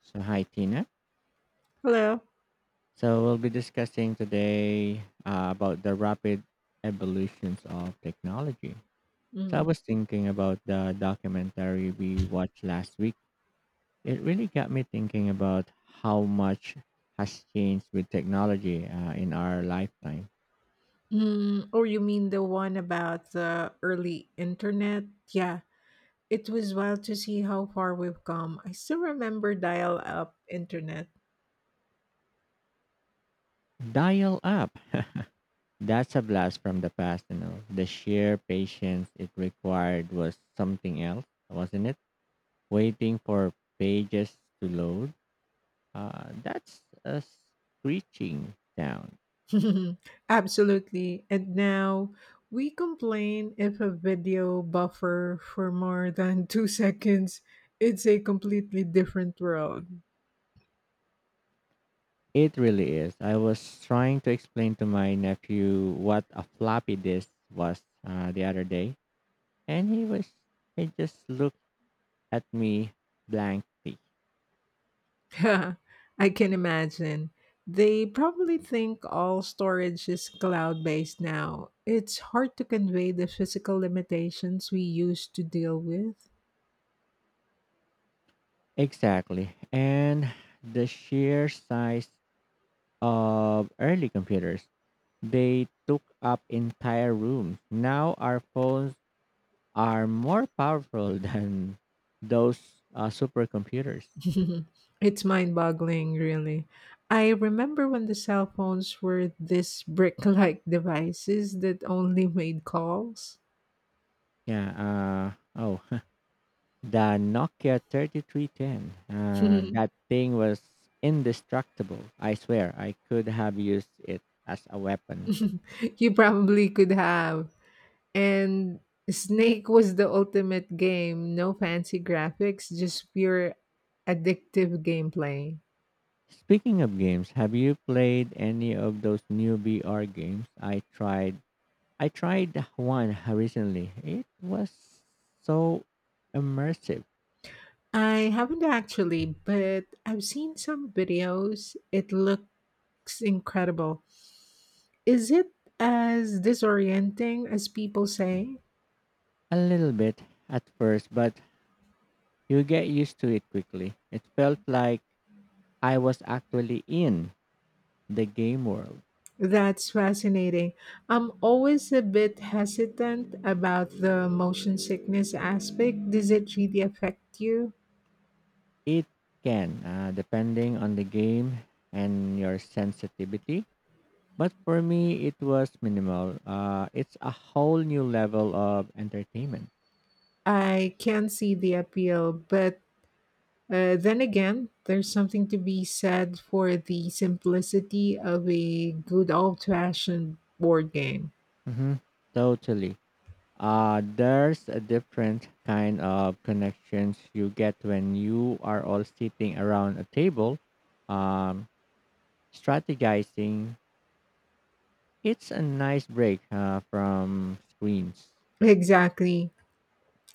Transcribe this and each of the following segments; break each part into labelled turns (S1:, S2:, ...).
S1: So, hi, Tina.
S2: Hello.
S1: We'll be discussing today about the rapid evolutions of technology. So, I
S2: Mm.
S1: was thinking about the documentary we watched last week. It really got me thinking about how much has changed with technology in our lifetime.
S2: Mm. Or you mean the one about the early internet? Yeah, it was wild to see how far we've come. I still remember dial up internet.
S1: Dial up. That's a blast from the past, you know. The sheer patience it required was something else, wasn't it? Waiting for pages to load. That's a screeching sound.
S2: Absolutely. And now we complain if a video buffer for more than 2 seconds. It's a completely different world.
S1: It really is. I was trying to explain to my nephew what a floppy disk was the other day, and he just looked at me blankly.
S2: Yeah, I can imagine. They probably think all storage is cloud based now. It's hard to convey the physical limitations we used to deal with.
S1: Exactly, and the sheer size of early computers they took up entire rooms. Now our phones are more powerful than those supercomputers.
S2: It's mind boggling, really. I remember when the cell phones were these brick like devices that only made calls.
S1: Yeah. Oh, the Nokia 3310.
S2: You
S1: That thing was indestructible. I swear, I could have used it as a weapon.
S2: probably could have. And Snake was the ultimate game. No fancy graphics, just pure addictive gameplay.
S1: Speaking of games, have you played any of those new VR games? I tried one recently. It was so immersive.
S2: I haven't actually, but I've seen some videos. It looks incredible. Is it as disorienting as people say?
S1: A little bit at first, but you get used to it quickly. It felt like I was actually in the game world.
S2: That's fascinating. I'm always a bit hesitant about the motion sickness aspect. Does it really affect you?
S1: It can, depending on the game and your sensitivity. But for me, it was minimal. It's a whole new level of entertainment.
S2: I can see the appeal, but then again, there's something to be said for the simplicity of a good old fashioned board game.
S1: hmm Totally. There's a different kind of connections you get when you are all sitting around a table, um, strategizing. It's a nice break from screens.
S2: Exactly.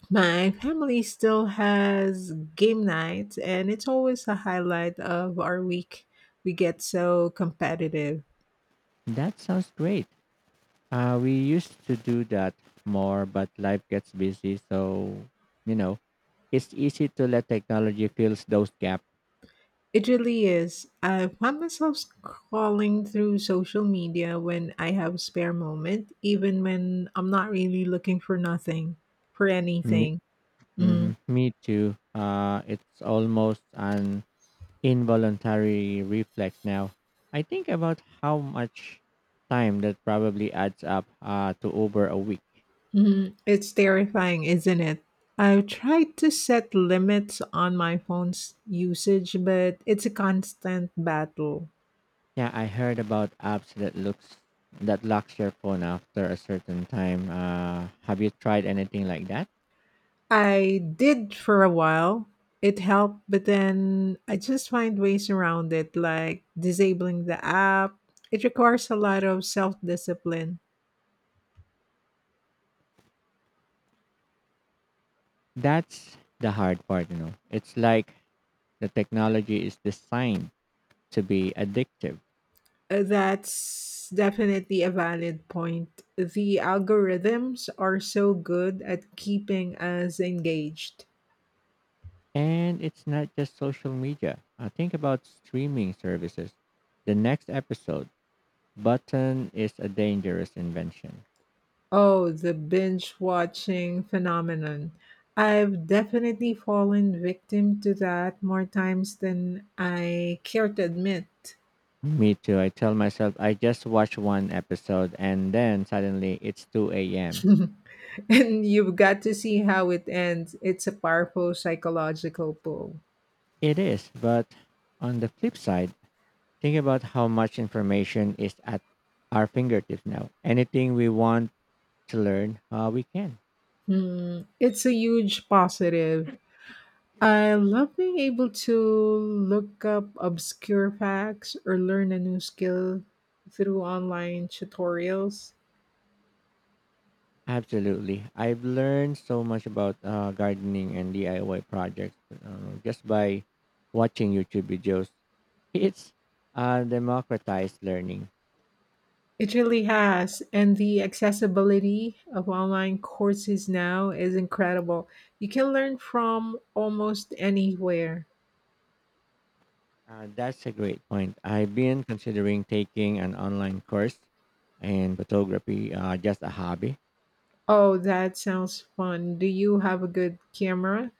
S2: My family still has game night, and it's always a highlight of our week. We get so competitive.
S1: That sounds great. We used to do that more, but life gets busy. So, you know, it's easy to let technology fill those gaps.
S2: It really is. I find myself scrolling through social media when I have a spare moment, even when I'm not really looking for nothing, for
S1: Me,
S2: anything. Mhm.
S1: mhm, me too. It's almost an involuntary reflex now. I think about how much time that probably adds up to over a week.
S2: Mhm. It's terrifying, isn't it? I've tried to set limits on my phone's usage, but it's a constant battle.
S1: Yeah, I heard about apps that locks your phone after a certain time. Have you tried anything like that?
S2: I did for a while. It helped, but then I just find ways around it, like disabling the app. It requires a lot of self discipline.
S1: That's the hard part, you know. It's like the technology is designed to be addictive.
S2: That's definitely a valid point. The algorithms are so good at keeping us engaged.
S1: And it's not just social media. I think about streaming services. The next episode, button is a dangerous invention.
S2: Oh, the binge watching phenomenon. I've definitely fallen victim to that more times than I care to admit.
S1: Me too. I tell myself I just watch one episode and then suddenly it's 2 a.m.
S2: And you've got to see how it ends. It's a powerful psychological pull.
S1: It is, but on the flip side, think about how much information is at our fingertips now. Anything we want to learn, we can.
S2: Hmm, it's a huge positive. I love being able to look up obscure facts or learn a new skill through online tutorials.
S1: Absolutely. I've learned so much about gardening and DIY projects just by watching YouTube videos. It's democratized learning.
S2: It really has. And the accessibility of online courses now is incredible. You can learn from almost anywhere.
S1: That's a great point. I've been considering taking an online course in photography, just a hobby.
S2: Oh, that sounds fun. Do you have a good camera?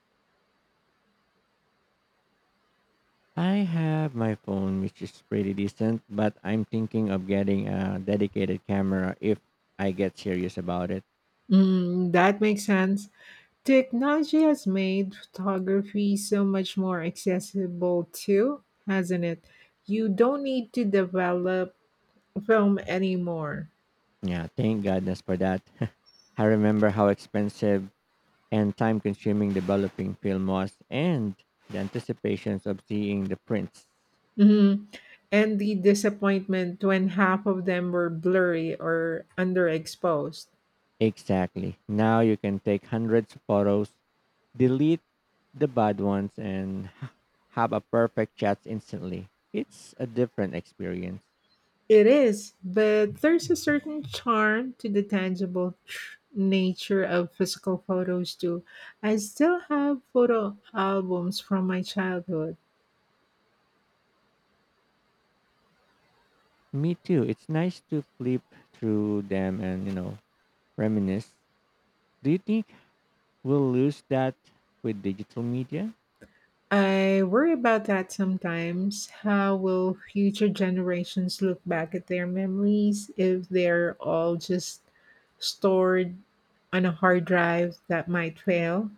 S1: I have my phone, which is pretty decent, but I'm thinking of getting a dedicated camera if I get serious about it.
S2: Mm, that makes sense. Technology has made photography so much more accessible too, hasn't it? You don't need to develop film anymore.
S1: Yeah, thank goodness for that. I remember how expensive and time consuming developing film was and the anticipations of seeing the prints.
S2: Hmm. And the disappointment when half of them were blurry or underexposed.
S1: Exactly. Now you can take hundreds of photos, delete the bad ones, and have a perfect shot instantly. It's a different experience.
S2: It is, but there's a certain charm to the tangible nature of physical photos too. I still have photo albums from my childhood.
S1: Me too. It's nice to flip through them and, reminisce. Do you think we'll lose that with digital media?
S2: I worry about that sometimes. How will future generations look back at their memories if they're all just stored on a hard drive that might fail?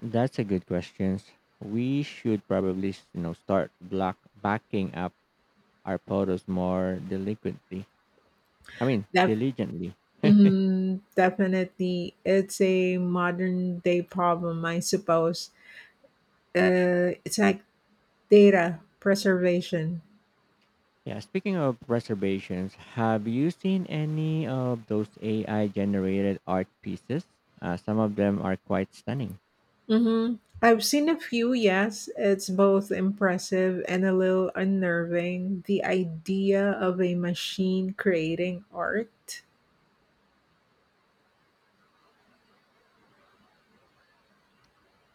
S1: That's a good question. We should probably, start block backing up our photos more delinquently. I mean,
S2: Def-
S1: diligently.
S2: mhm, Definitely. It's a modern day problem, I suppose. It's like data preservation.
S1: Yeah, speaking of reservations, have you seen any of those AI generated art pieces? Some of them are quite stunning.
S2: Hmm. I've seen a few, yes. It's both impressive and a little unnerving. The idea of a machine creating art.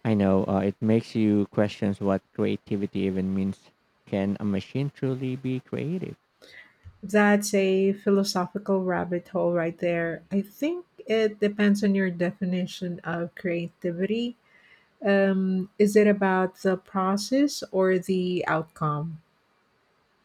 S1: I know it makes you question what creativity even means. Can a machine truly be creative?
S2: That's a philosophical rabbit hole right there. I think it depends on your definition of creativity. Is it about the process or the outcome?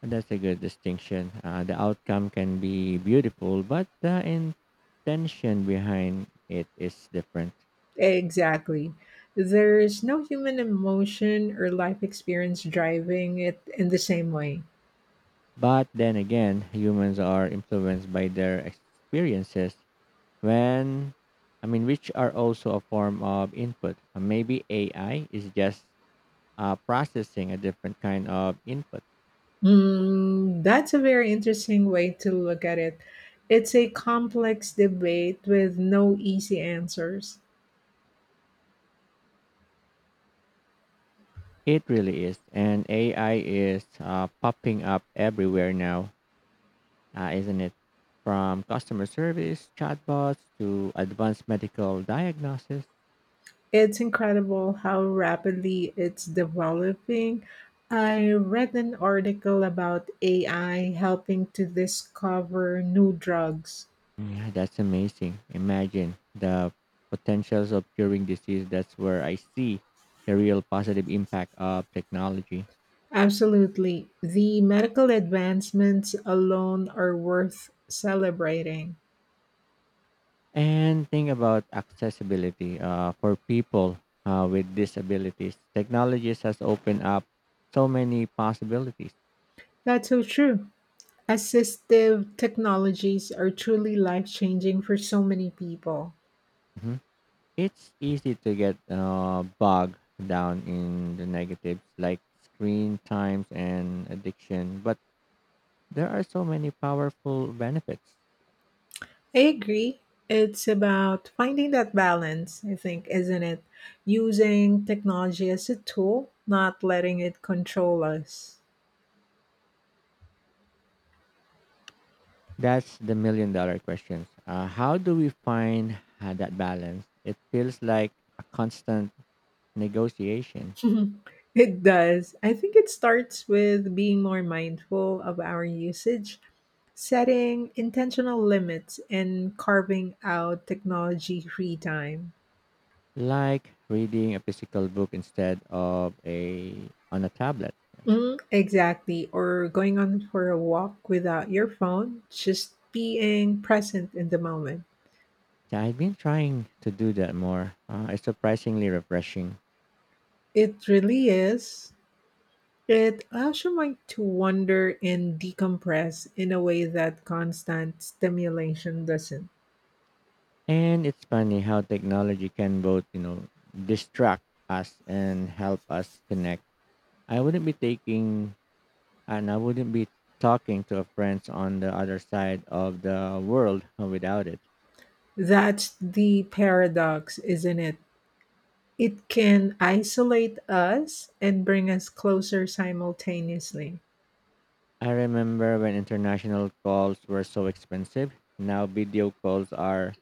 S1: And that's a good distinction. The outcome can be beautiful, but the intention behind it is different.
S2: Exactly. There's no human emotion or life experience driving it in the same way.
S1: But then again, humans are influenced by their experiences when I mean which are also a form of input. Maybe AI is just processing a different kind of input.
S2: Mm, that's a very interesting way to look at it. It's a complex debate with no easy answers.
S1: It really is. And AI is popping up everywhere now, isn't it? From customer service, chatbots to advanced medical diagnosis.
S2: It's incredible how rapidly it's developing. I read an article about AI helping to discover new drugs.
S1: Yeah, that's amazing. Imagine the potentials of curing disease. That's where I see the real positive impact of technology.
S2: Absolutely. The medical advancements alone are worth celebrating.
S1: And think about accessibility for people with disabilities. Technologies has opened up so many possibilities.
S2: That's so true. Assistive technologies are truly life changing for so many people.
S1: Mhm. It's easy to get bogged down in the negatives like screen times and addiction, but there are so many powerful benefits.
S2: I agree. It's about finding that balance, I think, isn't it? Using technology as a tool, not letting it control us.
S1: That's the million-dollar questions. How do we find that balance? It feels like a constant negotiation,
S2: It does. I think it starts with being more mindful of our usage, setting intentional limits and carving out technology free time.
S1: like reading a physical book instead of a on a tablet.
S2: Mm, exactly. Or going on for a walk without your phone, just being present in the moment.
S1: So I've been trying to do that more. It's surprisingly refreshing,
S2: It really is. It allows your mind to wander and decompress in a way that constant stimulation doesn't.
S1: and it's funny how technology can both, distract us and help us connect. I wouldn't be taking I wouldn't be talking to a friend on the other side of the world without it.
S2: That's the paradox, isn't it? It can isolate us and bring us closer simultaneously.
S1: I remember when international calls were so expensive. Now video calls are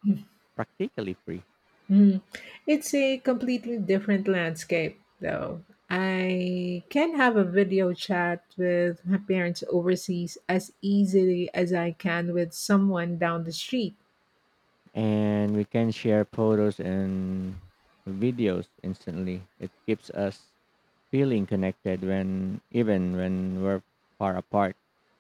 S1: practically free,
S2: Mm. It's a completely different landscape, though. I can have a video chat with my parents overseas as easily as I can with someone down the street.
S1: and we can share photos and videos instantly. It keeps us feeling connected when we're far apart.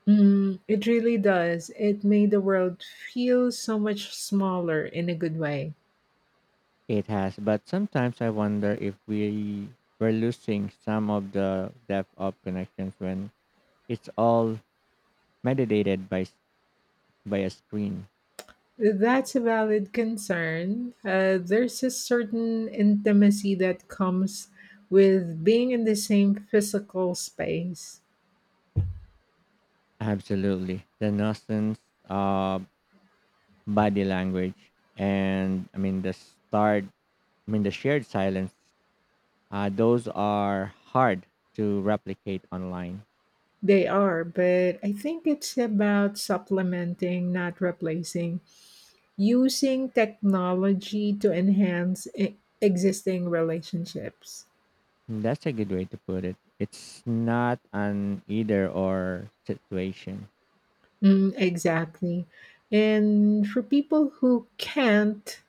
S2: Mm, it really does. It made the world feel so much smaller in a good way.
S1: It has, but sometimes I wonder if we were losing some of the depth of connections when it's all mediated by a screen.
S2: That's a valid concern. There's a certain intimacy that comes with being in the same physical space.
S1: Absolutely. The nonsense of body language and I mean the shared silence. Those are hard to replicate online.
S2: They are, but I think it's about supplementing, not replacing, using technology to enhance existing relationships.
S1: That's a good way to put it. It's not an either or situation.
S2: Mm, exactly. And for people who can't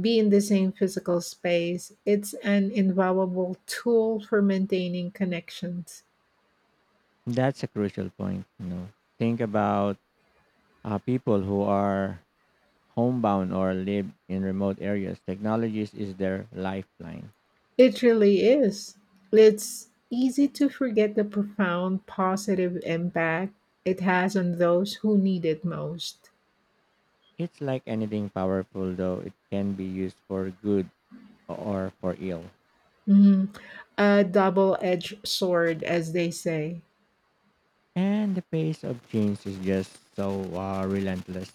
S2: be in the same physical space, it's an invaluable tool for maintaining connections.
S1: That's a crucial point, you know. Think about people who are homebound or live in remote areas. Technologies is their lifeline.
S2: It really is. It's easy to forget the profound positive impact it has on those who need it most.
S1: It's like anything powerful, though, it can be used for good or for ill.
S2: Mhm. A double edged sword, as they say.
S1: And the pace of change is just so relentless.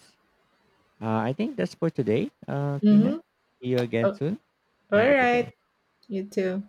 S1: I think that's for today, Tina.
S2: Hmm.
S1: See you again soon.
S2: All
S1: Have a good day.
S2: right. You too.